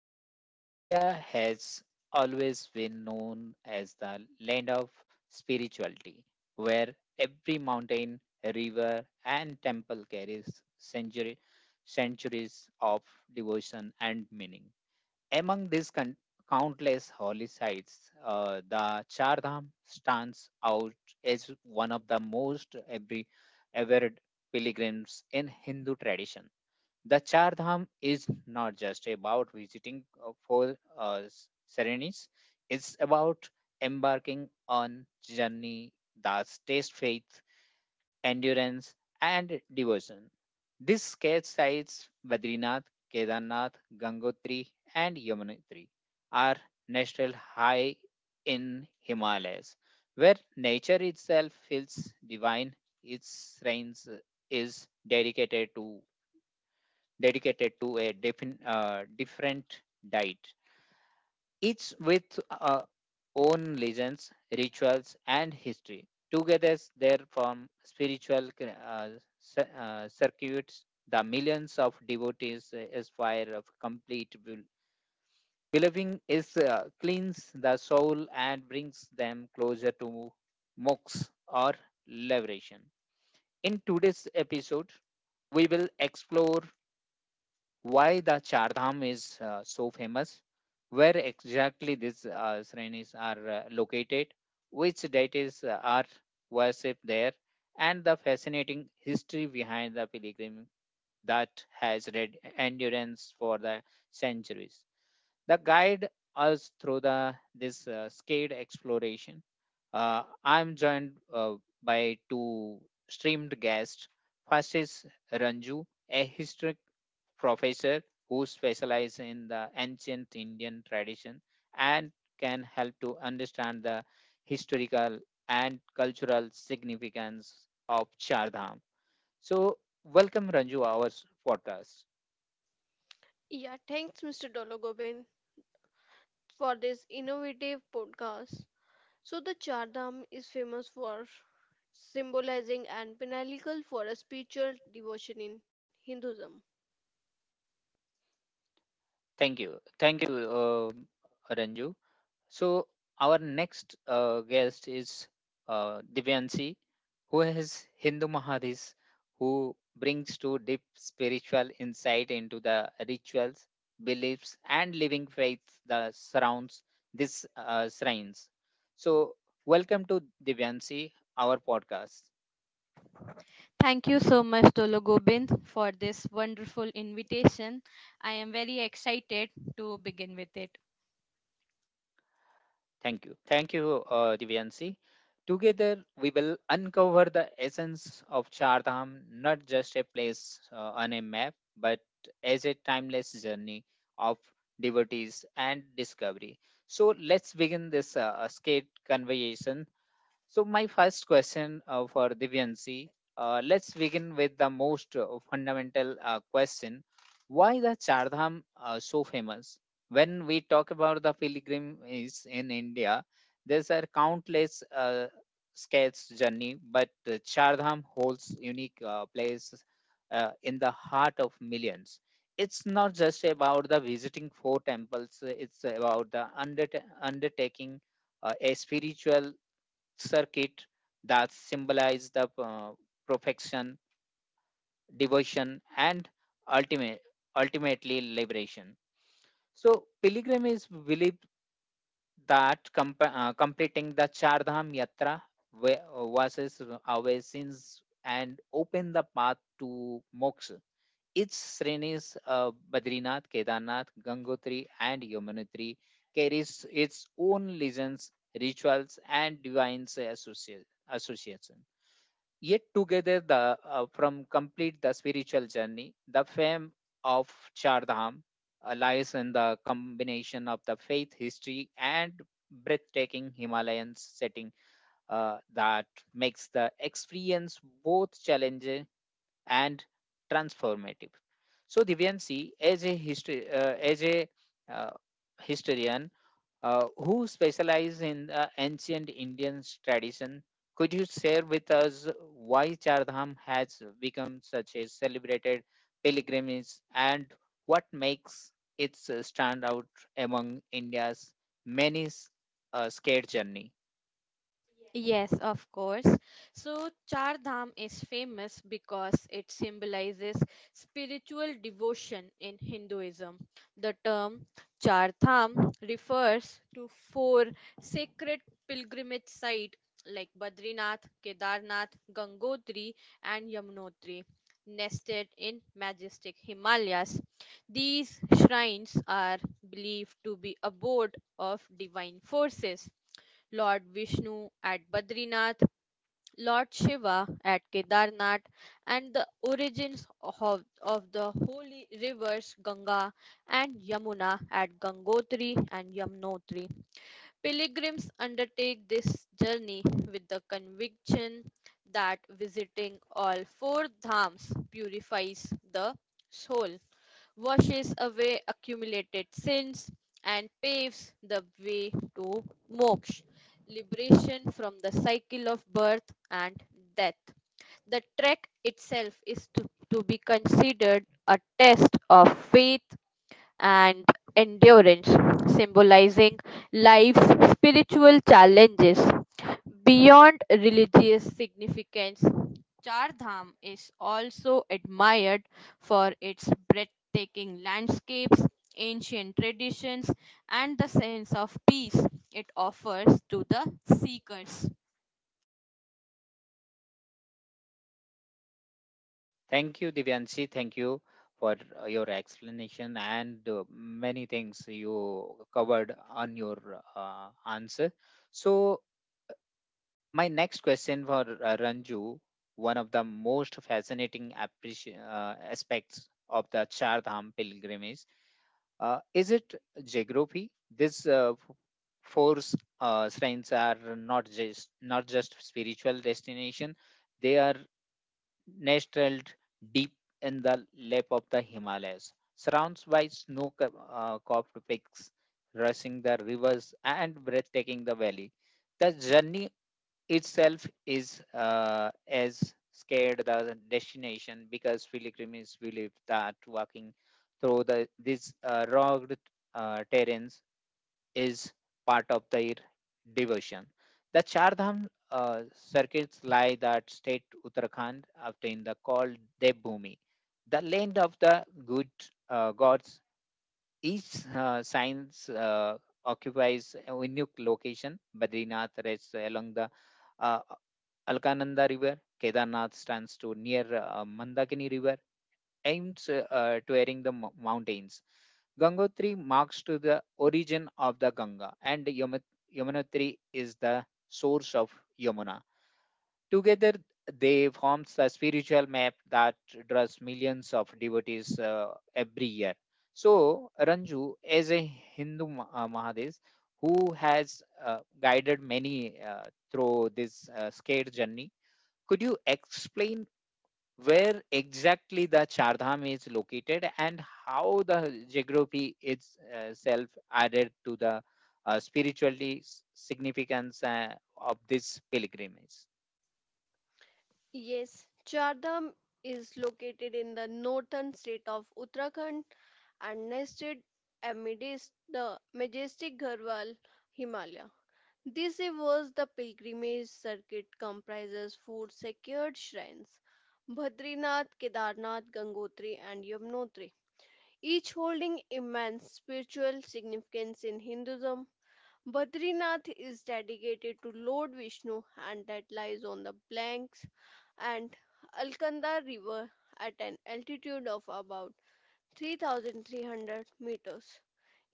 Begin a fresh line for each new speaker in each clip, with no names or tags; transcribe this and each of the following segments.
faith. India has always been known as the land of spirituality, where every mountain, river, and temple carries century, centuries of devotion and meaning. Among countless holy sites, the Chardham stands out as one of the most every, revered pilgrims in Hindu tradition. The Char Dham is not just about visiting four serenis, it's about embarking on journey that taste faith, endurance, and devotion. These sacred sites Badrinath, Kedarnath, Gangotri, and Yamunotri are natural high in Himalayas, where nature itself feels divine. Its shrines is dedicated to dedicated to a different diet, each with own legends, rituals, and history. Together, they form spiritual circuits. The millions of devotees aspire of complete will. Believing is cleans the soul and brings them closer to moksha or liberation. In today's episode, we will explore why the Chardham is so famous, where exactly these sranis are located, which deities are worshipped there, and the fascinating history behind the pilgrim that has read endurance for the centuries. The guide us through the this scaled exploration. I'm joined by two streamed guests. First is Ranju, a historian professor who specialize in the ancient Indian tradition and can help to understand the historical and cultural significance of Chardham. So, welcome Ranju our podcast.
Yeah, thanks, Mr. Dologobin, for this innovative podcast. So, the Char Dham is famous for symbolizing and pinnacle for a spiritual devotion in Hinduism.
Thank you. Thank you, Ranju. So our next guest is Divyanshi, who has Hindu Mahadis, who brings to deep spiritual insight into the rituals, beliefs, and living faith that surrounds these shrines. So welcome to Divyanshi, our podcast.
Thank you so much, Tolo Gobind, for this wonderful invitation. I am very excited to begin with it.
Thank you. Thank you, Divyansi. Together, we will uncover the essence of Chardham, not just a place on a map, but as a timeless journey of devotees and discovery. So, let's begin this skate conversation so, my first question for Divyansi let's begin with the most fundamental question. Why the Chardham so famous? When we talk about the pilgrimages in India, there's are countless scales journey, but Chardham holds unique place in the heart of millions. It's not just about the visiting four temples; it's about the undertaking a spiritual circuit that symbolize the perfection, devotion, and ultimate, ultimately liberation. So, pilgrim is believed that completing the Char Dham Yatra versus our sins and open the path to moksha. Its srenis Badrinath, Kedarnath, Gangotri, and Yamunotri carries its own legends, rituals, and divine associations. Yet together the from complete the spiritual journey, the fame of Chardham lies in the combination of the faith, history, and breathtaking Himalayan setting that makes the experience both challenging and transformative. So Divyansi, as a history, as a historian, who specialize in ancient Indian tradition. Could you share with us why Chardham has become such a celebrated pilgrimage and what makes it stand out among India's many scared journey?
Yes, of course. So, Char Dham is famous because it symbolizes spiritual devotion in Hinduism. The term Char Dham refers to four sacred pilgrimage sites like Badrinath, Kedarnath, Gangotri, and Yamunotri, nested in majestic Himalayas. These shrines are believed to be abode of divine forces Lord Vishnu at Badrinath, Lord Shiva at Kedarnath, and the origins of the holy rivers Ganga and Yamuna at Gangotri and Yamunotri. Pilgrims undertake this journey with the conviction that visiting all four dhams purifies the soul, washes away accumulated sins, and paves the way to moksha, liberation from the cycle of birth and death. The trek itself is to be considered a test of faith and endurance, symbolizing life's spiritual challenges beyond religious significance. Char Dham is also admired for its breathtaking landscapes, ancient traditions, and the sense of peace it offers to the seekers.
Thank you, Divyanshi. Thank you for your explanation and many things you covered on your answer. So, my next question for Ranju, one of the most fascinating aspects of the Char Dham pilgrimage, is it geography? These four shrines are not just spiritual destination; they are nestled deep in the lap of the Himalayas, surrounded by snow-covered covered peaks, rushing the rivers, and breathtaking the valley. The journey itself is as scared the destination because pilgrims believe that walking through these rugged terrains is part of their devotion. The Char Dham circuits lie that state Uttarakhand obtained the called Devbhumi, the land of the good gods. Each science occupies a unique location. Badrinath rests along the uh, Alkananda River. Kedarnath stands to near Mandakini River aims to airing the mountains. Gangotri marks to the origin of the Ganga, and Yamunotri is the source of Yamuna. Together, they forms a spiritual map that draws millions of devotees every year. So, Ranju, as a Hindu Mahadev who has guided many through this scared journey, could you explain where exactly the Chardham is located and how the geography itself added to the spiritually significance of this pilgrimage.
Yes, Chardham is located in the northern state of Uttarakhand and nested amidst the majestic Garhwal Himalaya. This was the pilgrimage circuit comprises four secured shrines Bhadrinath, Kedarnath, Gangotri, and Yamunotri, each holding immense spiritual significance in Hinduism. Badrinath is dedicated to Lord Vishnu and that lies on the Blanks and Alkanda River at an altitude of about 3,300 meters.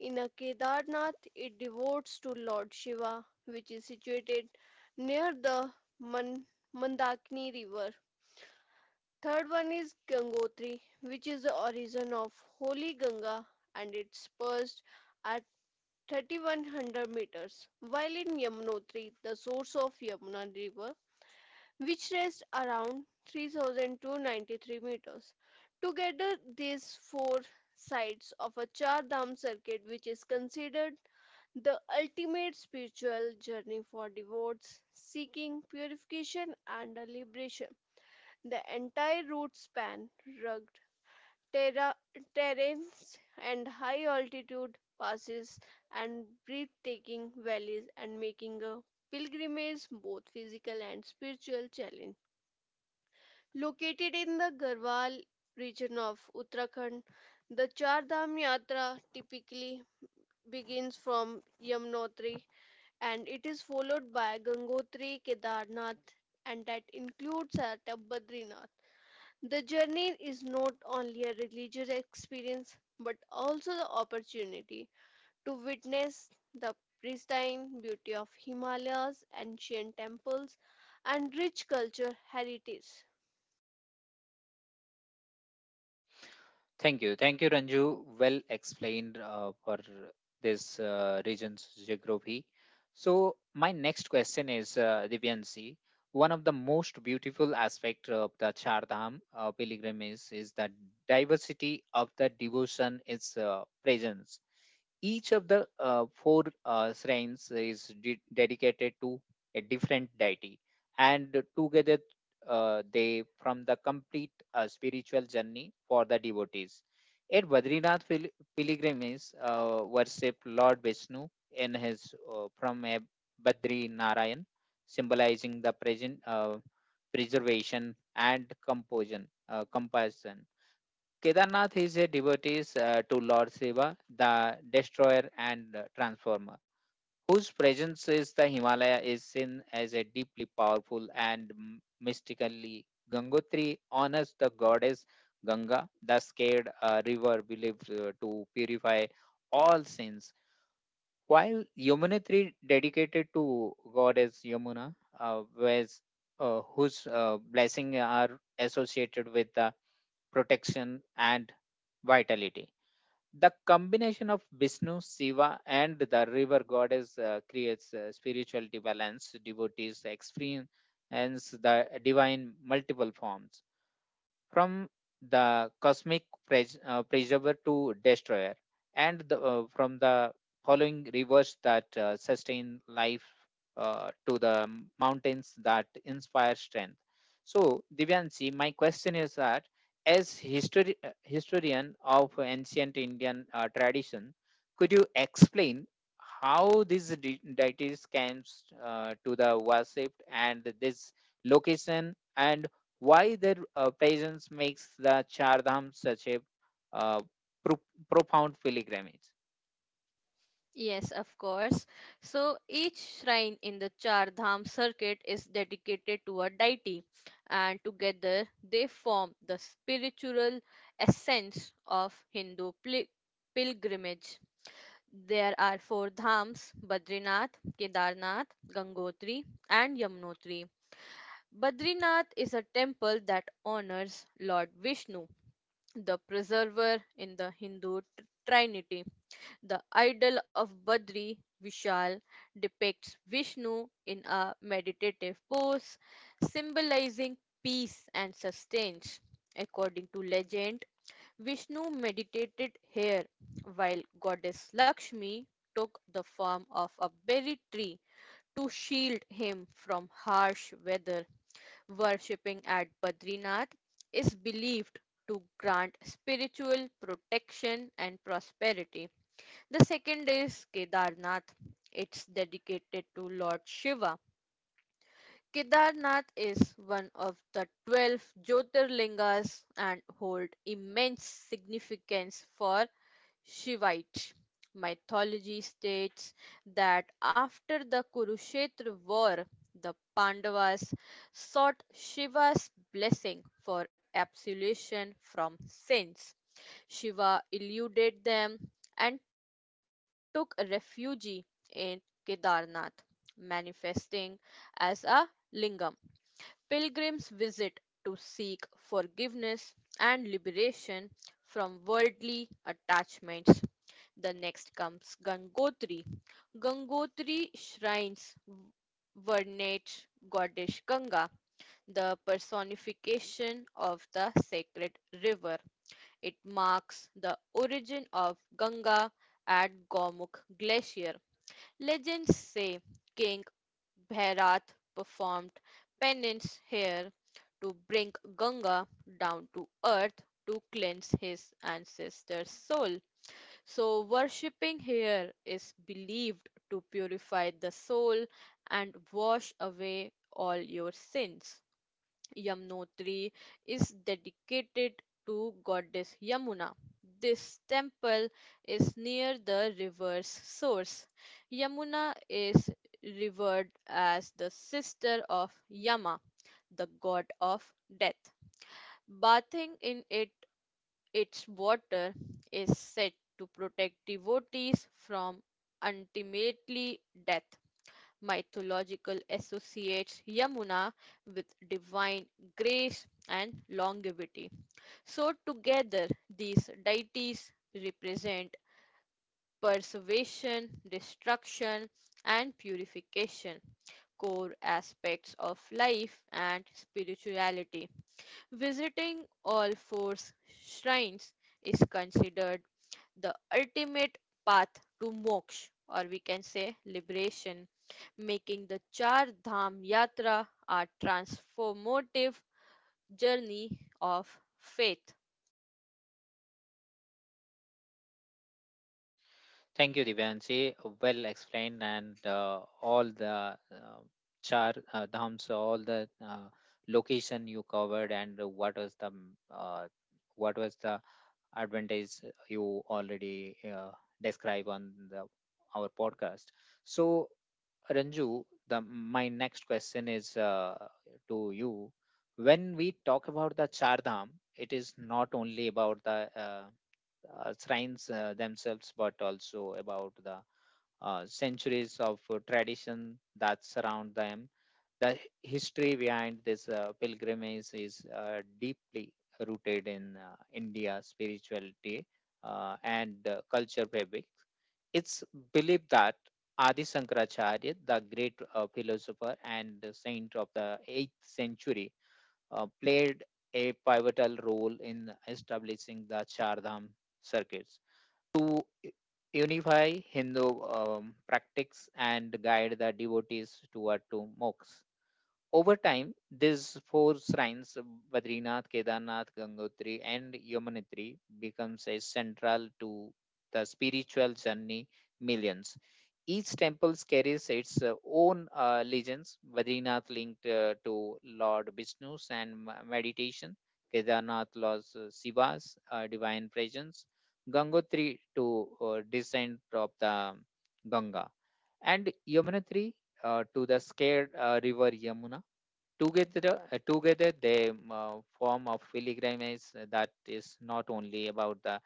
In a Kedarnath, it devotes to Lord Shiva, which is situated near the Man- Mandakini River. Third one is Gangotri, which is the origin of Holy Ganga and it spurs are 3,100 meters, while in Yamunotri, the source of Yamuna river, which rests around 3,293 meters. Together, these four sides of a Char Dham circuit, which is considered the ultimate spiritual journey for devotees seeking purification and liberation. The entire route span rugged terra- terrains and high altitude passes and breathtaking valleys and making a pilgrimage both physical and spiritual challenge. Located in the Garhwal region of Uttarakhand, the Char Dham Yatra typically begins from Yamunotri and it is followed by Gangotri, Kedarnath and that includes Badrinath. The journey is not only a religious experience but also the opportunity to witness the pristine beauty of Himalayas, ancient temples, and rich culture heritage.
Thank you. Thank you, Ranju. Well explained for this region's geography. So, my next question is Divyansi. One of the most beautiful aspects of Chardham pilgrimage is the diversity of the devotion, its presence. Each of the four shrines is dedicated to a different deity, and together they from the complete spiritual journey for the devotees. At Badrinath pilgrimages, worship Lord Vishnu in his from a Badri Narayan, symbolizing the present preservation and composition. Compassion. Kedarnath is a devotee to Lord Shiva, the destroyer and transformer, whose presence is the Himalaya is seen as a deeply powerful and mystically. Gangotri honors the goddess Ganga, the scared river believed to purify all sins. While Yamunotri dedicated to goddess Yamuna, whose blessing are associated with the protection and vitality. The combination of Vishnu, Shiva, and the river goddess creates spiritual balance. Devotees experience the divine multiple forms from the cosmic preserver to destroyer, and from the following rivers that sustain life to the mountains that inspire strength. So, Divyanshi, my question is that as historian of ancient Indian tradition, could you explain how these deities came to the worship and this location and why their presence makes the Char Dham such a uh, pro- profound pilgrimage.
Yes, of course. So each shrine in the Char Dham circuit is dedicated to a deity, and together they form the spiritual essence of Hindu pilgrimage. There are four dhams Badrinath, Kedarnath, Gangotri, and Yamunotri. Badrinath is a temple that honors Lord Vishnu, the preserver in the Hindu trinity. The idol of Badri, Vishal, depicts Vishnu in a meditative pose, symbolizing peace and sustenance. According to legend, Vishnu meditated here, while goddess Lakshmi took the form of a berry tree to shield him from harsh weather. Worshipping at Badrinath is believed to grant spiritual protection and prosperity. The second is Kedarnath. It's dedicated to Lord Shiva. Kedarnath is one of the 12 Jyotirlingas and hold immense significance for Shivite mythology states that after the Kurukshetra war, the Pandavas sought Shiva's blessing for absolution from sins. Shiva eluded them and took refuge in Kedarnath, manifesting as a lingam. Pilgrims visit to seek forgiveness and liberation from worldly attachments. The next comes Gangotri. Gangotri shrines venerate goddess Ganga, the personification of the sacred river. It marks the origin of Ganga at Gomukh Glacier. Legends say King Bhairath performed penance here to bring Ganga down to earth to cleanse his ancestor's soul. So, worshipping here is believed to purify the soul and wash away all your sins. Yamunotri is dedicated to goddess Yamuna. This temple is near the river's source. Yamuna is revered as the sister of Yama, the god of death. Bathing in it its water is said to protect devotees from ultimately death. Mythological associates Yamuna with divine grace and longevity. So, together, these deities represent preservation, destruction, and purification, core aspects of life and spirituality. Visiting all four shrines is considered the ultimate path to moksha, or we can say liberation, making the Char Dham Yatra a transformative journey of faith.
Thank you, Divyanshi. Well explained, and all the Char Dhams, all the location you covered, and what was what was the advantage you already describe on the our podcast. So Ranju, the my next question is to you. When we talk about the Chardham, it is not only about the shrines themselves, but also about the centuries of tradition that surround them the history behind this pilgrimage is deeply rooted in India's spirituality and culture fabric. It's believed that Adi Shankaracharya, the great philosopher and the saint of the 8th century, played a pivotal role in establishing the Char Dham circuits to unify Hindu practice and guide the devotees toward to moksha. Over time, these four shrines, Badrinath, Kedarnath, Gangotri, and Yamunotri, becomes a central to the spiritual journey millions. Each temple carries its own legends. Badrinath linked to Lord Vishnu's and meditation. Kedarnath Lord Shiva's divine presence. Gangotri to descent of the Ganga. And Yamunotri to the scared river Yamuna together together they form a pilgrimage that is not only about the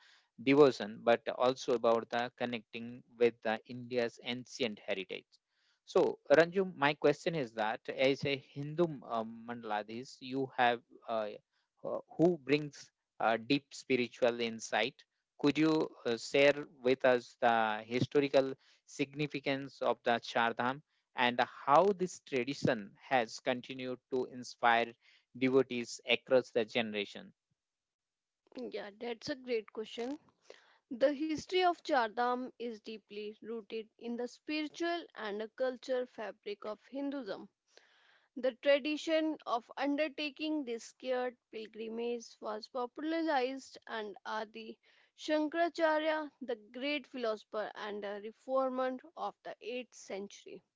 devotion but also about the connecting with the India's ancient heritage. So Ranju, my question is that as a Hindu uh, Mandladhis you have uh, who brings deep spiritual insight, could you share with us the historical significance of the Char Dham? And how this tradition has continued to inspire devotees across the generation.
Yeah, that's a great question. The history of Chardham is deeply rooted in the spiritual and the cultural fabric of Hinduism. The tradition of undertaking this scared pilgrimage was popularized and Adi Shankaracharya, the great philosopher and a reformer of the 8th century.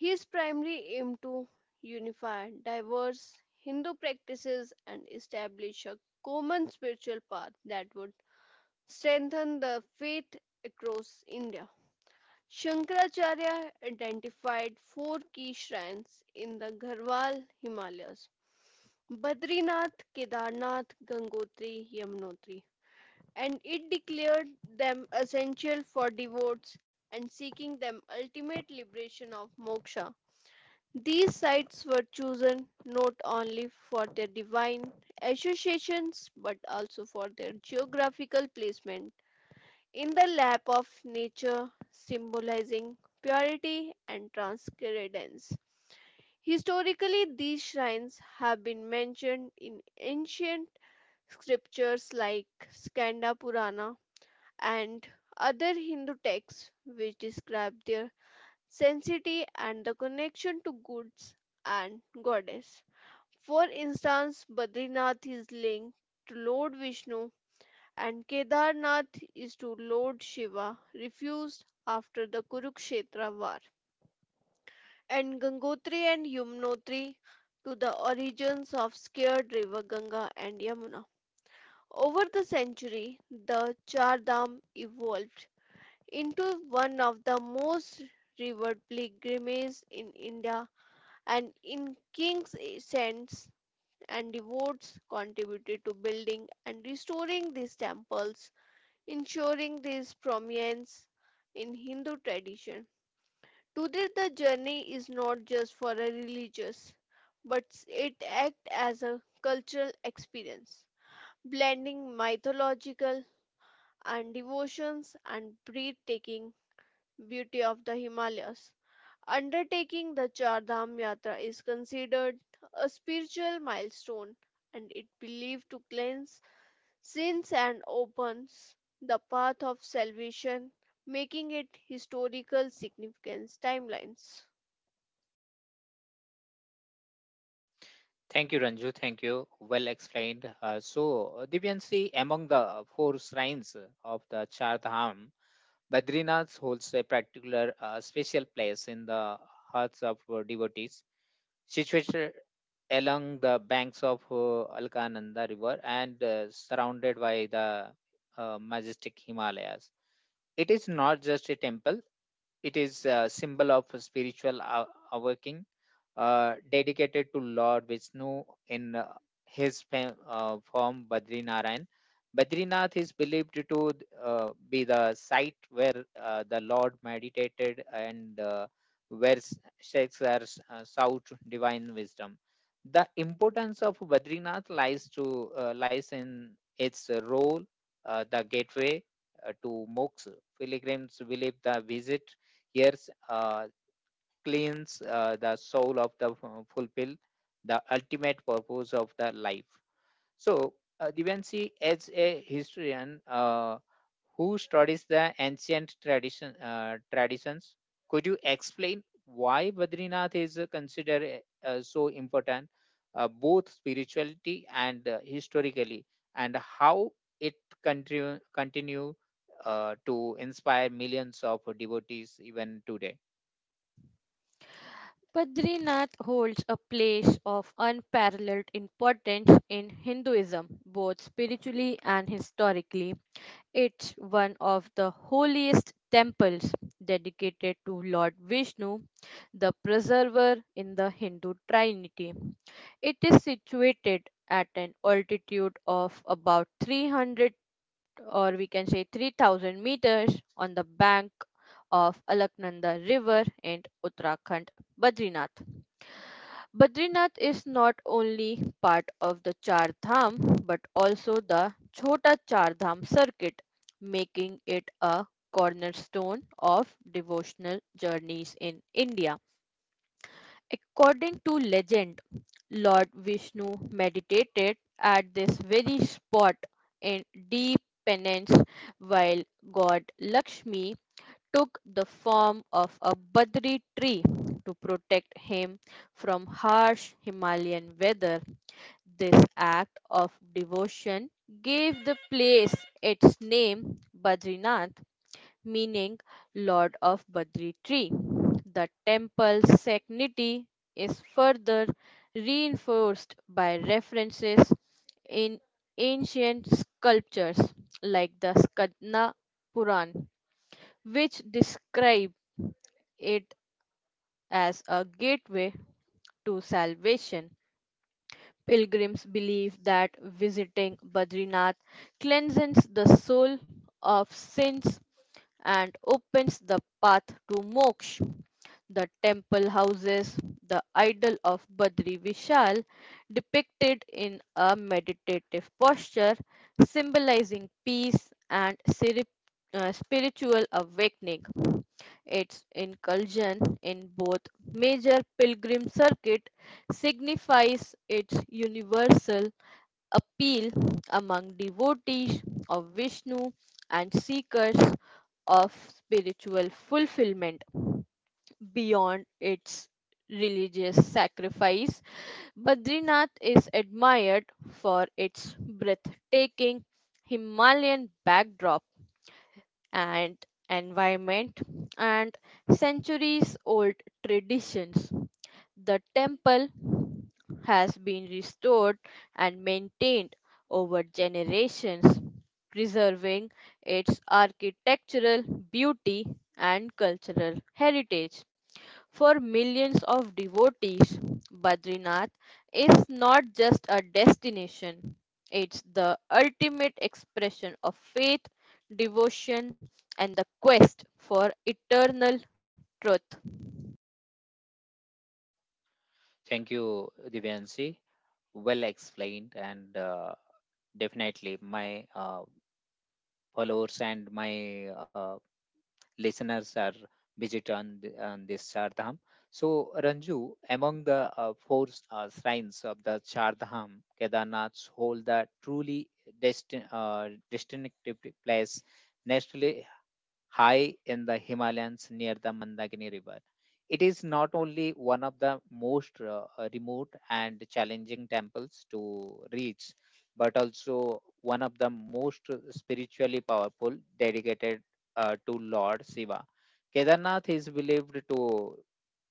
His primary aim to unify diverse Hindu practices and establish a common spiritual path that would strengthen the faith across India. Shankaracharya identified four key shrines in the Garhwal Himalayas Badrinath, Kedarnath, Gangotri, Yamunotri, and it declared them essential for devotees and seeking them ultimate liberation of moksha. These sites were chosen not only for their divine associations but also for their geographical placement in the lap of nature, symbolizing purity and transcendence. Historically, these shrines have been mentioned in ancient Scriptures like Skanda Purana and other Hindu texts which describe their sanctity and the connection to goods and goddess. For instance, Badrinath is linked to Lord Vishnu and Kedarnath is to Lord Shiva, refused after the Kurukshetra war, and Gangotri and Yumnotri to the origins of scared river Ganga and Yamuna. Over the century, the Char Dham evolved into one of the most revered pilgrimages in India, and in kings, saints, and devotees contributed to building and restoring these temples, ensuring this prominence in Hindu tradition. Today, the journey is not just for a religious, but it acts as a cultural experience, blending mythological and devotions and breathtaking beauty of the Himalayas. Undertaking the Char Dham Yatra is considered a spiritual milestone and it believed to cleanse sins and opens the path of salvation, making it historical significance timelines.
Thank you, Ranju. Thank you. Well explained. So, Divyansi, among the four shrines of the Char Dham, Badrinath holds a particular special place in the hearts of devotees. Situated along the banks of Alkananda River and surrounded by the majestic Himalayas. It is not just a temple, it is a symbol of a spiritual awakening dedicated to Lord Vishnu in his form Badrinarayan. Badrinath is believed to be the site where the Lord meditated and where shakes are sought divine wisdom. The importance of Badrinath lies in its role, the gateway to moksha pilgrims believe the visit here uh, cleans the soul of the fulfill the ultimate purpose of the life. So, Divyanshi, as a historian who studies the ancient traditions, could you explain why Badrinath is considered so important, both spirituality and historically, and how it continue to inspire millions of devotees even today?
Badrinath holds a place of unparalleled importance in Hinduism, both spiritually and historically. It's one of the holiest temples dedicated to Lord Vishnu, the preserver in the Hindu Trinity. It is situated at an altitude of about 300 or we can say 3,000 meters on the bank of Alaknanda River in Uttarakhand, Badrinath. Badrinath is not only part of the Char Dham but also the Chhota Char Dham circuit, making it a cornerstone of devotional journeys in India. According to legend, Lord Vishnu meditated at this very spot in deep penance while God Lakshmi took the form of a Badri tree to protect him from harsh Himalayan weather. This act of devotion gave the place its name Badrinath, meaning Lord of Badri Tree. The temple's sanctity is further reinforced by references in ancient sculptures like the Skadna Puran, which describe it as a gateway to salvation. Pilgrims believe that visiting Badrinath cleanses the soul of sins and opens the path to moksha. The temple houses the idol of Badri Vishal, depicted in a meditative posture, symbolizing peace and spiritual awakening. Its inclusion in both major pilgrim circuit signifies its universal appeal among devotees of Vishnu and seekers of spiritual fulfillment beyond its religious sacrifice, Badrinath is admired for its breathtaking Himalayan backdrop and environment and centuries old traditions. The temple has been restored and maintained over generations, preserving its architectural beauty and cultural heritage. For millions of devotees, Badrinath is not just a destination, it's the ultimate expression of faith, devotion, and the quest for eternal truth.
Thank you, Divyanshi. Well explained and. Definitely. My followers and my listeners are visit on, the, on this Chardham. So, Ranju, among the four shrines of the Char Chardham, Kedarnath hold the truly distinctive place, naturally high in the Himalayas near the Mandakini River. It is not only one of the most remote and challenging temples to reach, but also one of the most spiritually powerful dedicated to Lord Shiva. Kedarnath is believed to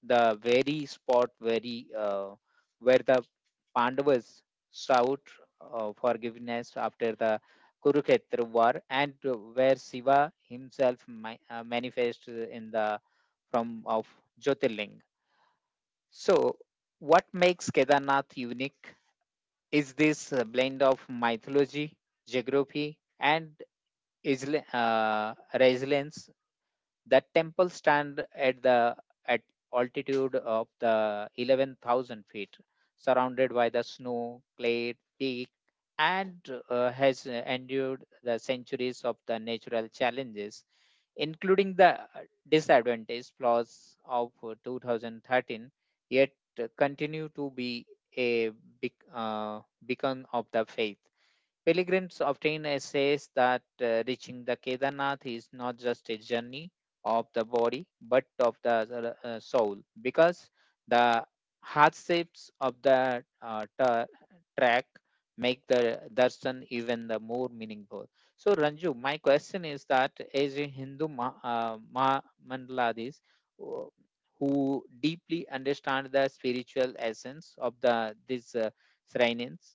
the very spot very where the Pandavas sought forgiveness after the Kurukshetra war, and where Shiva himself manifested in the form of Jyotirling. So, what makes Kedarnath unique is this blend of mythology, geography, and isle- uh, resilience. The temple stand at altitude of the 11,000 feet, surrounded by the snow, clay, peak, and has endured the centuries of the natural challenges, including the disadvantage flaws of 2013, yet continue to be a beacon of the faith. Pilgrims often says that reaching the Kedarnath is not just a journey of the body, but of the soul, because the hardships of the track make the darshan even the more meaningful. So, Ranju, my question is that as a Hindu mandaladis who who deeply understand the spiritual essence of the these shrines,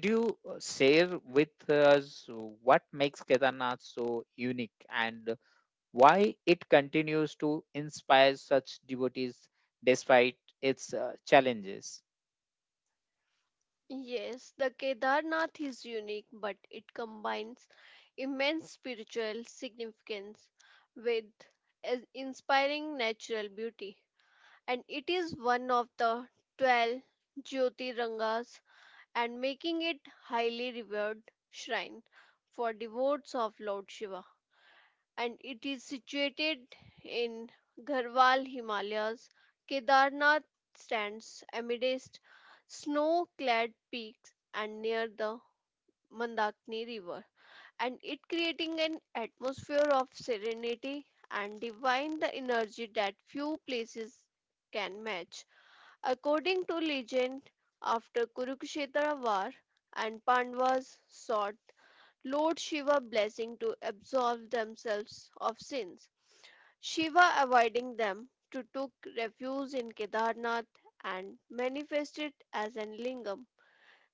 could you share with us what makes Kedarnath so unique and why it continues to inspire such devotees despite its challenges.
Yes, the Kedarnath is unique, but it combines immense spiritual significance with an inspiring natural beauty. And it is one of the 12 Jyotirangas and making it highly revered shrine for devotees of Lord Shiva. And it is situated in Garhwal Himalayas. Kedarnath stands amidst snow-clad peaks and near the Mandakini River, and it creating an atmosphere of serenity and divine the energy that few places can match. According to legend, after Kurukshetra war and Pandavas sought Lord Shiva blessing to absolve themselves of sins. Shiva avoiding them to took refuge in Kedarnath and manifested as an lingam.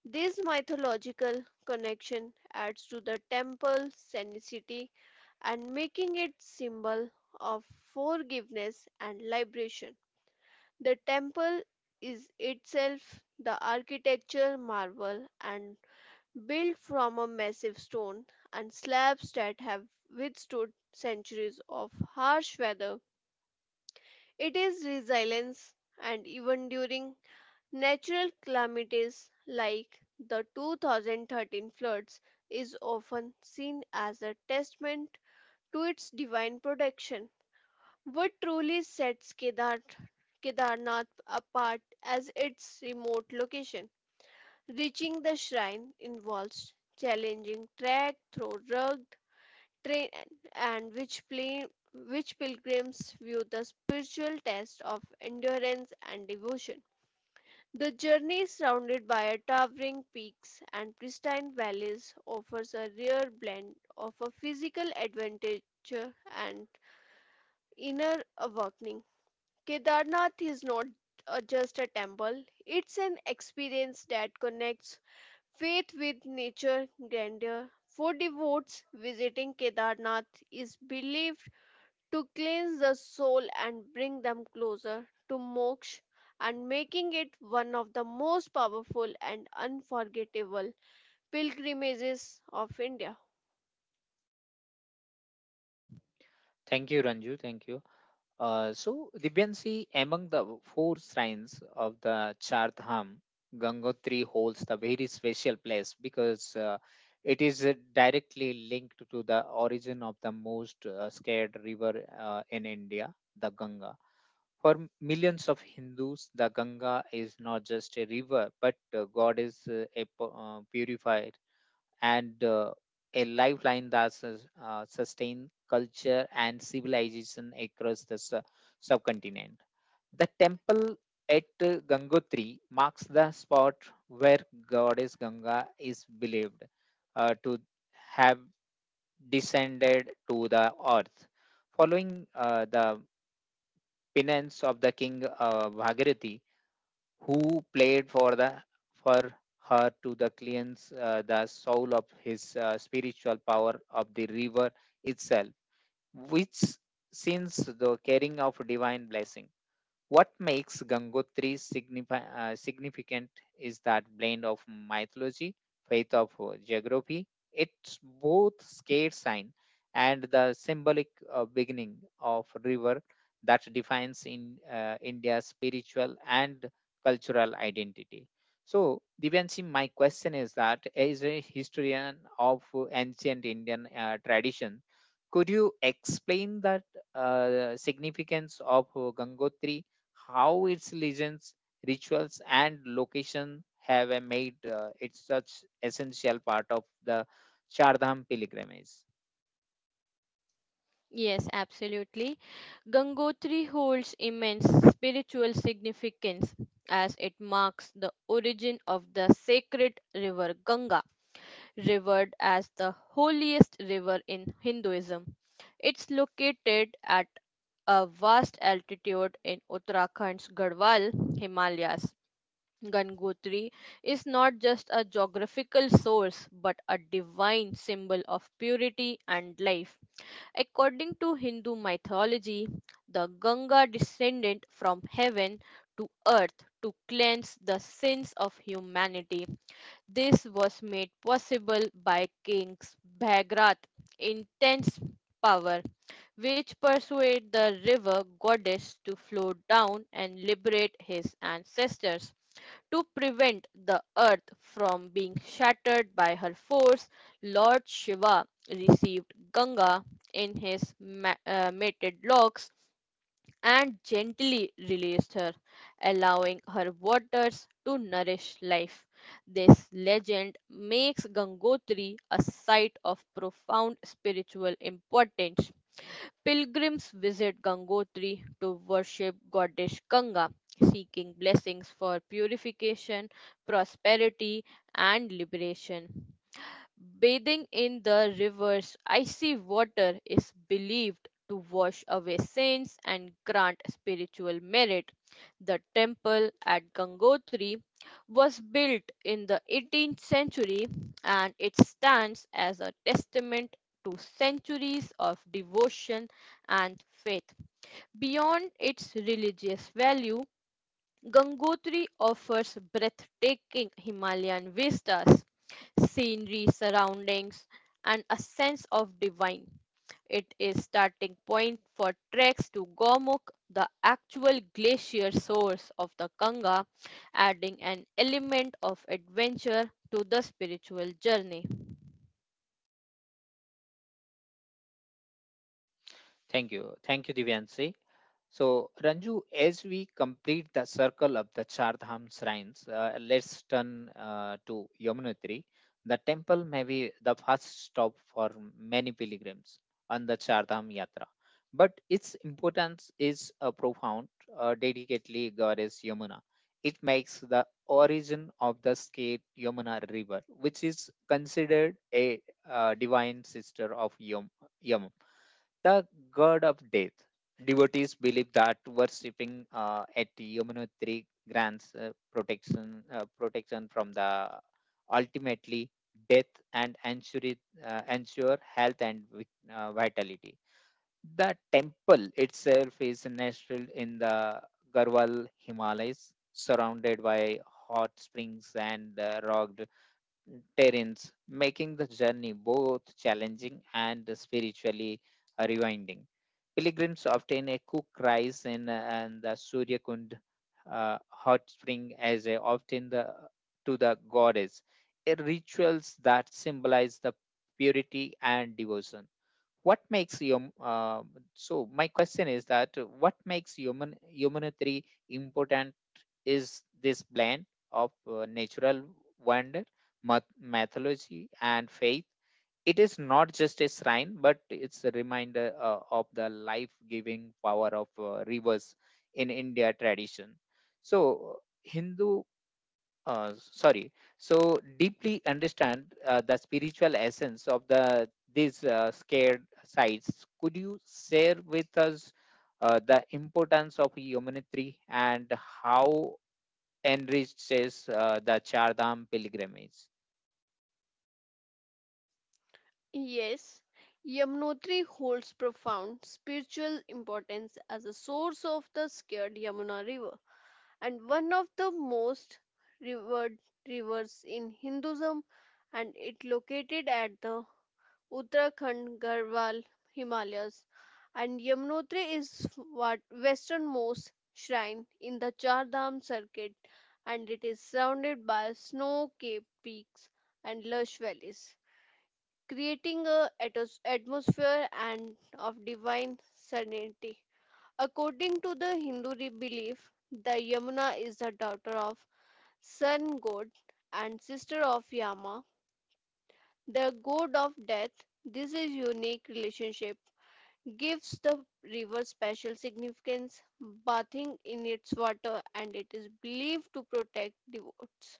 This mythological connection adds to the temple's sanctity and making it symbol of forgiveness and liberation. The temple is itself the architecture marvel and built from a massive stone and slabs that have withstood centuries of harsh weather. It is resilience and even during natural calamities like the 2013 floods is often seen as a testament to its divine protection. What truly sets Kedarnath apart as its remote location? Reaching the shrine involves challenging trek through rugged terrain and which plane which pilgrims view the spiritual test of endurance and devotion. The journey surrounded by towering peaks and pristine valleys offers a rare blend of a physical adventure and inner awakening. Kedarnath is not just a temple, it's an experience that connects faith with nature grandeur. For devotees, visiting Kedarnath is believed to cleanse the soul and bring them closer to moksha and making it one of the most powerful and unforgettable pilgrimages of India.
Thank you, Ranju. Thank you. So, Divyansi, among the four shrines of the Char Dham, Gangotri holds the very special place because it is directly linked to the origin of the most scared river in India, the Ganga. For millions of Hindus, the Ganga is not just a river, but God is a purifier and a lifeline that sustains culture and civilization across the subcontinent. The temple at Gangotri marks the spot where Goddess Ganga is believed to have descended to the earth. Following the finance of the king Bhagirathi, who played for the for her to the cleanse the soul of his spiritual power of the river itself, which since the carrying of divine blessing. What makes Gangotri significant is that blend of mythology, faith of geography. It's both scared sign and the symbolic beginning of river that defines in India's spiritual and cultural identity. So, Divyanshi, my question is that as a historian of ancient Indian tradition, could you explain that significance of Gangotri, how its legends, rituals, and location have made it such essential part of the Chardham pilgrimage.
Yes, absolutely. Gangotri holds immense spiritual significance as it marks the origin of the sacred river Ganga, revered as the holiest river in Hinduism. It's located at a vast altitude in Uttarakhand's Garhwal Himalayas. Gangotri is not just a geographical source but a divine symbol of purity and life. According to Hindu mythology, the Ganga descended from heaven to earth to cleanse the sins of humanity. This was made possible by King Bhagrath's intense power, which persuaded the river goddess to flow down and liberate his ancestors. To prevent the earth from being shattered by her force, Lord Shiva received Ganga in his mated locks and gently released her, allowing her waters to nourish life. This legend makes Gangotri a site of profound spiritual importance. Pilgrims visit Gangotri to worship goddess Ganga, seeking blessings for purification, prosperity, and liberation. Bathing in the river's icy water is believed to wash away sins and grant spiritual merit. The temple at Gangotri was built in the 18th century, and it stands as a testament to centuries of devotion and faith. Beyond its religious value, Gangotri offers breathtaking Himalayan vistas, scenery surroundings, and a sense of divine. It is starting point for treks to Gomukh, the actual glacier source of the Ganga, adding an element of adventure to the spiritual journey.
Thank you. Thank you, Divyanshi. So, Ranju, as we complete the circle of the Chardham shrines, let's turn to Yamunotri. The temple may be the first stop for many pilgrims on the Chardham Yatra, but its importance is profound, dedicatedly goddess Yamuna. It makes the origin of the state Yamuna River, which is considered a divine sister of Yamuna, the god of death. Devotees believe that worshipping at Yamunotri grants protection from the ultimately death and ensure health and vitality. The temple itself is nestled in the Garhwal Himalayas, surrounded by hot springs and rugged terrains, making the journey both challenging and spiritually rewinding. Pilgrims obtain a cook rice in and the Suryakund hot spring as a often the to the goddess, a rituals that symbolize the purity and devotion. What makes yom? So, my question is that what makes Yamunotri important is this blend of natural wonder, mythology, and faith. It is not just a shrine, but it's a reminder of the life giving power of rivers in India tradition. So, Hindu, sorry, so deeply understand the spiritual essence of the these scared sites. Could you share with us the importance of humanity and how enriches the Chardham pilgrimage?
Yes, Yamunotri holds profound spiritual importance as a source of the sacred Yamuna River and one of the most revered rivers in Hinduism, and it located at the Uttarakhand, Garhwal, Himalayas, and Yamunotri is what westernmost shrine in the Char Dham circuit, and it is surrounded by snow-capped peaks and lush valleys, creating a atmosphere and of divine serenity. According to the Hindu belief, the Yamuna is the daughter of sun god and sister of Yama, the god of death. This is unique relationship gives the river special significance, bathing in its water, and it is believed to protect devotees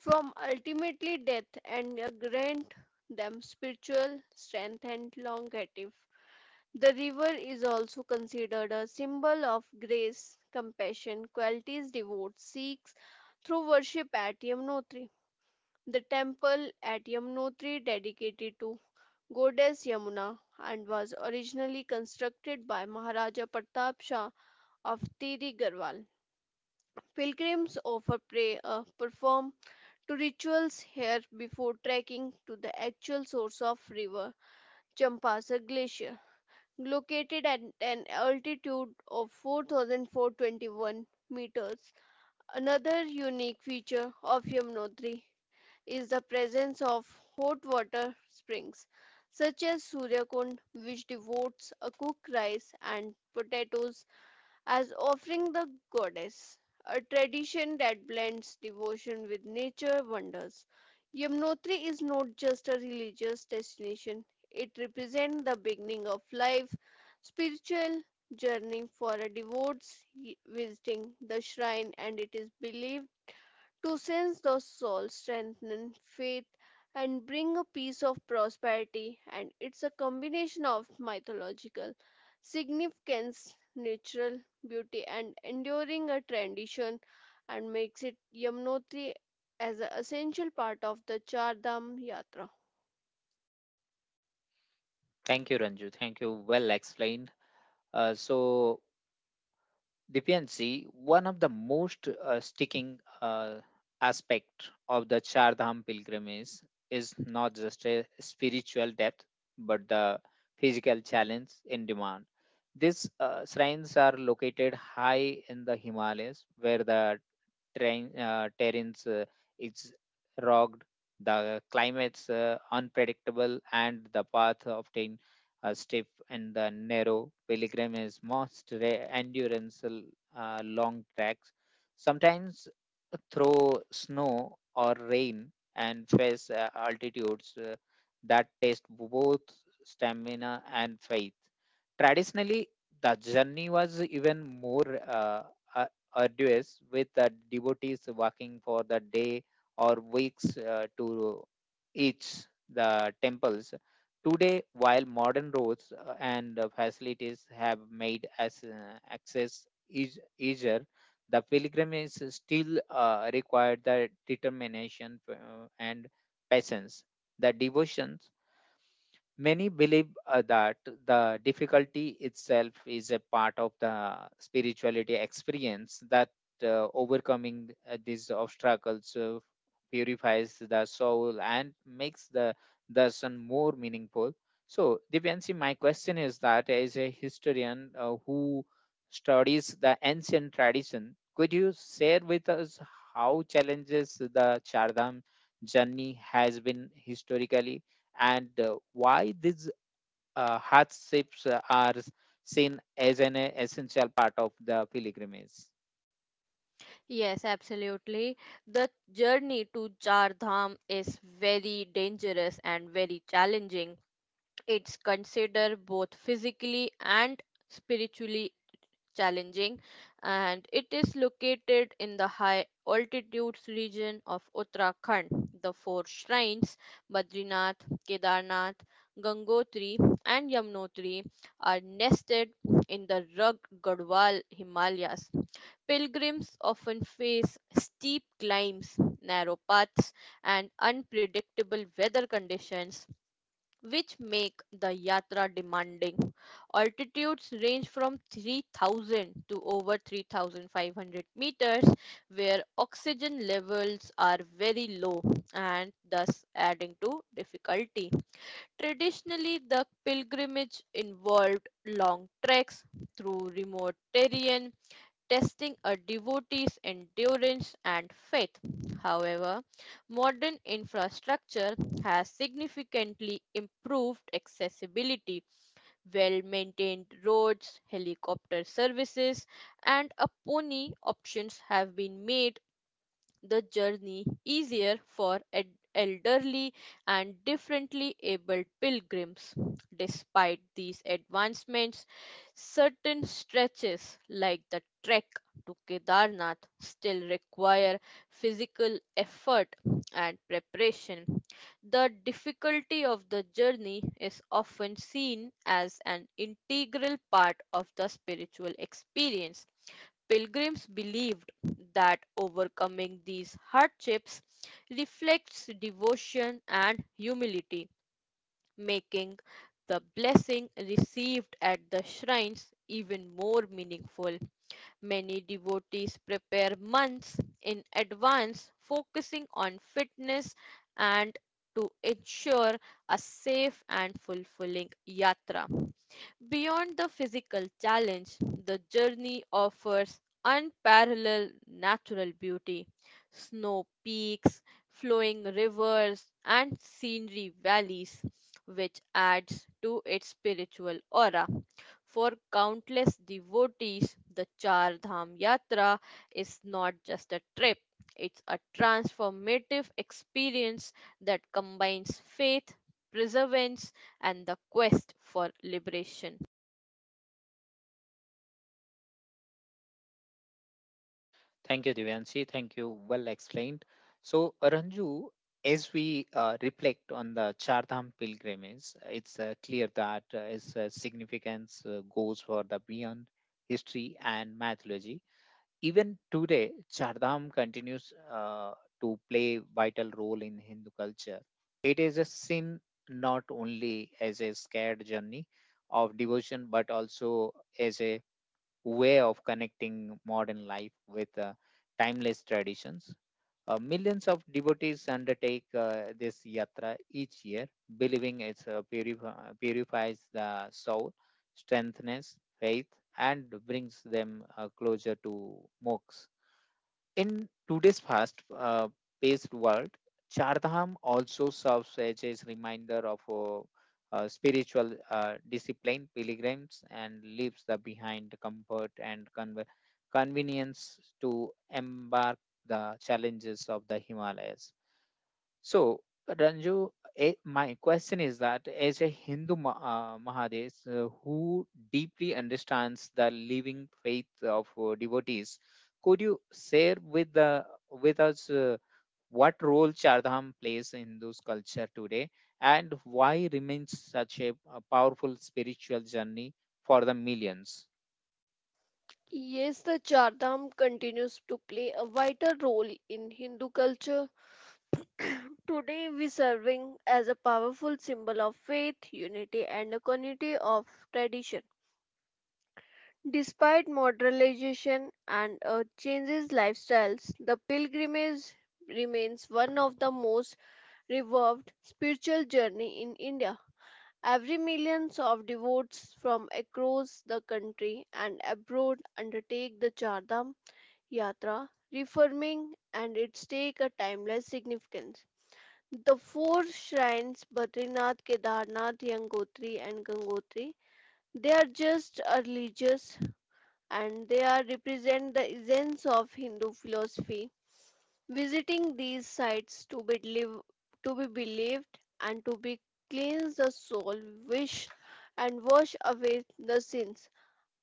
from ultimately death and grant them spiritual strength and longevity. The river is also considered a symbol of grace, compassion, qualities devotees seeks through worship at Yamunotri. The temple at Yamunotri, dedicated to Goddess Yamuna and was originally constructed by Maharaja Pratap Shah of Tiri Garhwal. Pilgrims offer perform to rituals here before trekking to the actual source of river Champasar Glacier, located at an altitude of 4,421 meters. Another unique feature of Yamunotri is the presence of hot water springs such as Suryakund, which devotes a cooked rice and potatoes as offering the goddess, a tradition that blends devotion with nature wonders. Yamunotri is not just a religious destination, it represents the beginning of life, spiritual journey for a devotees visiting the shrine, and it is believed to sense those souls strengthen faith and bring a piece of prosperity, and it's a combination of mythological significance natural beauty and enduring a tradition and makes it Yamunotri as an essential part of the Char Dham yatra.
Thank you, Ranju. Thank you. Well explained. So, Vyansi, one of the most sticking aspect of the Char Dham pilgrimage is not just a spiritual depth, but the physical challenge in demand. These signs are located high in the Himalayas, where the terrains is rugged, the climates unpredictable, and the path often stiff and the narrow. Telegram is most endurance long tracks, sometimes through snow or rain and face altitudes that test both stamina and faith. Traditionally, the journey was even more uh, arduous, with the devotees walking for the day or weeks to each the temples. Today, while modern roads and facilities have made as, access easier, the pilgrimage still required the determination and patience the devotions. Many believe that the difficulty itself is a part of the spirituality experience, that overcoming these obstacles purifies the soul and makes the darshan more meaningful. So, Divyanshi, my question is that as a historian who studies the ancient tradition, could you share with us how challenges the Chardam journey has been historically, and why these hardships are seen as an essential part of the pilgrimage.
Yes, absolutely. The journey to Char Dham is very dangerous and very challenging. It's considered both physically and spiritually challenging, and it is located in the high altitudes region of Uttarakhand. The four shrines Badrinath, Kedarnath, Gangotri, and Yamunotri are nested in the rugged Gadwal Himalayas. Pilgrims often face steep climbs, narrow paths, and unpredictable weather conditions, which make the yatra demanding. Altitudes range from 3000 to over 3500 meters, where oxygen levels are very low, and thus adding to difficulty. Traditionally, the pilgrimage involved long treks through remote terrain, testing a devotee's endurance and faith. However, modern infrastructure has significantly improved accessibility. Well maintained roads, helicopter services, and a pony options have been made the journey easier for elderly and differently abled pilgrims. Despite these advancements, certain stretches like the trek to Kedarnath still require physical effort and preparation. The difficulty of the journey is often seen as an integral part of the spiritual experience. Pilgrims believed that overcoming these hardships reflects devotion and humility, making the blessing received at the shrines even more meaningful. Many devotees prepare months in advance, focusing on fitness and to ensure a safe and fulfilling yatra. Beyond the physical challenge, the journey offers unparalleled natural beauty. Snow peaks, flowing rivers, and scenery valleys, which adds to its spiritual aura. For countless devotees, the Char Dham Yatra is not just a trip, it's a transformative experience that combines faith, perseverance, and the quest for liberation.
Thank you, Divyanshi. Thank you. Well explained. So, Ranju, as we reflect on the Chardham pilgrimage, it's clear that its significance goes for the beyond history and mythology. Even today, Chardham continues to play vital role in Hindu culture. It is a sin, not only as a scared journey of devotion, but also as a way of connecting modern life with timeless traditions. Millions of devotees undertake this yatra each year, believing it purifies the soul, strengthens faith, and brings them closer to moksha. In today's fast paced world, Chardham also serves as a reminder of spiritual discipline. Pilgrims and leaves the behind comfort and convenience to embark the challenges of the Himalayas. So, Ranju, my question is that as a Hindu Mahadev who deeply understands the living faith of devotees, could you share with the with us what role Chardham plays in Hindu's culture today and why remains such a powerful spiritual journey for the millions?
Yes, the Chardham continues to play a vital role in Hindu culture. Today, we serving as a powerful symbol of faith, unity, and a continuity of tradition. Despite modernization and changes lifestyles, the pilgrimage remains one of the most revered spiritual journey in India. Every millions of devotees from across the country and abroad undertake the Chardham Yatra, reforming and its take a timeless significance. The four shrines Badrinath, Kedarnath, Yangotri and Gangotri, they are just a religious and they are represent the essence of Hindu philosophy. Visiting these sites to be live, to be believed and to be cleanse the soul, wish and wash away the sins,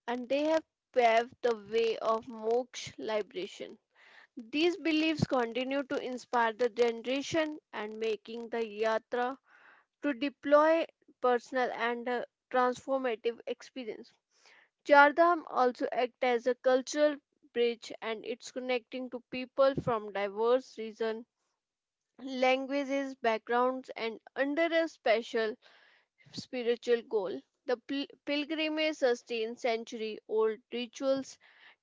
and they have paved the way of moksha liberation. These beliefs continue to inspire the generation and making the yatra to deploy personal and transformative experience. Chardham also act as a cultural bridge, and it's connecting to people from diverse regions, languages, backgrounds, and under a special spiritual goal. Pilgrimage sustains century old rituals,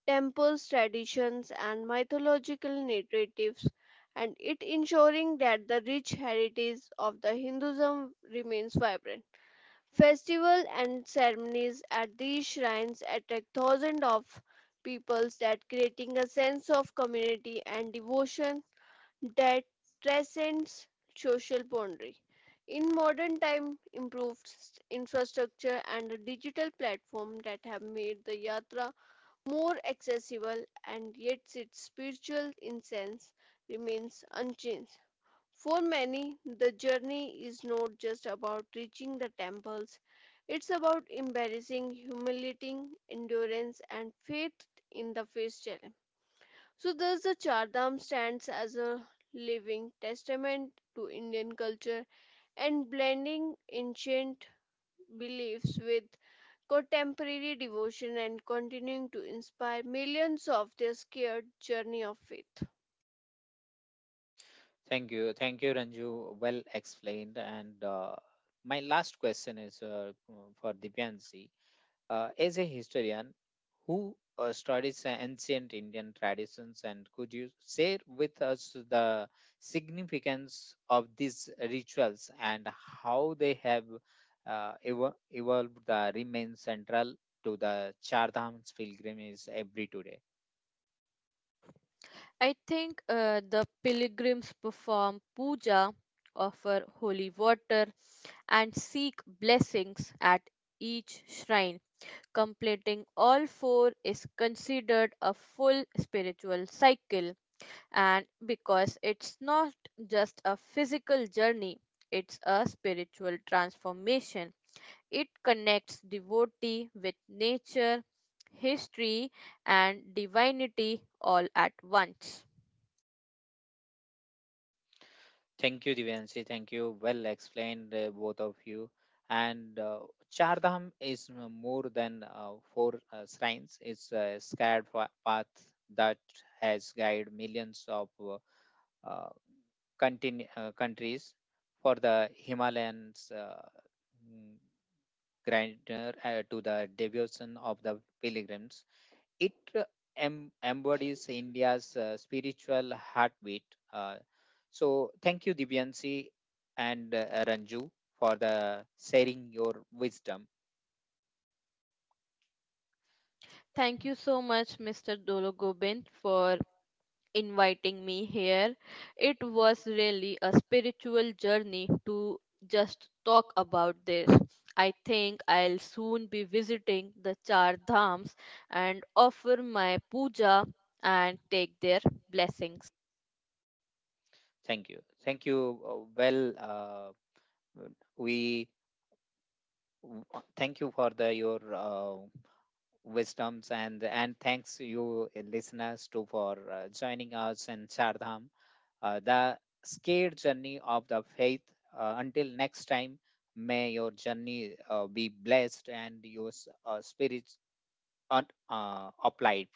temples, traditions, and mythological narratives, and it ensuring that the rich heritage of the Hinduism remains vibrant. Festival and ceremonies at these shrines attract thousands of peoples that creating a sense of community and devotion that transcends social boundary. In modern time, improved infrastructure and a digital platform that have made the yatra more accessible, and yet its spiritual essence remains unchanged. For many, the journey is not just about reaching the temples, it's about embracing humility, endurance, and faith in the face challenge. So thus the Char Dham stands as a living testament to Indian culture and blending ancient beliefs with contemporary devotion and continuing to inspire millions of their scared journey of faith.
Thank you, Ranju. Well explained. And my last question is for Divyansi. As a historian who studies ancient Indian traditions, and could you share with us the significance of these rituals and how they have evolved the remain central to the Char Dhams pilgrimage every today?
I think the pilgrims perform puja, offer holy water, and seek blessings at each shrine. Completing all four is considered a full spiritual cycle, and because it's not just a physical journey, it's a spiritual transformation. It connects devotee with nature, history, and divinity all at once.
Thank you, Divyanshi. Thank you. Well explained, both of you. And Char Dham is more than four shrines. It's a scared path that has guided millions of uh, countries for the Himalayans mm, grandeur to the devotion of the pilgrims. It embodies India's spiritual heartbeat. Uh, so, thank you, Divyansi and Ranju, for the sharing your wisdom.
Thank you so much Mr. Dolo Gobind for inviting me here. It was really a spiritual journey to just talk about this. I think I'll soon be visiting the Char Dhams and offer my puja and take their blessings.
Thank you. Thank you. Well, we thank you for the your wisdoms and thanks you listeners too for joining us in Chardham, the scared journey of the faith. Until next time, may your journey be blessed and your spirits applied.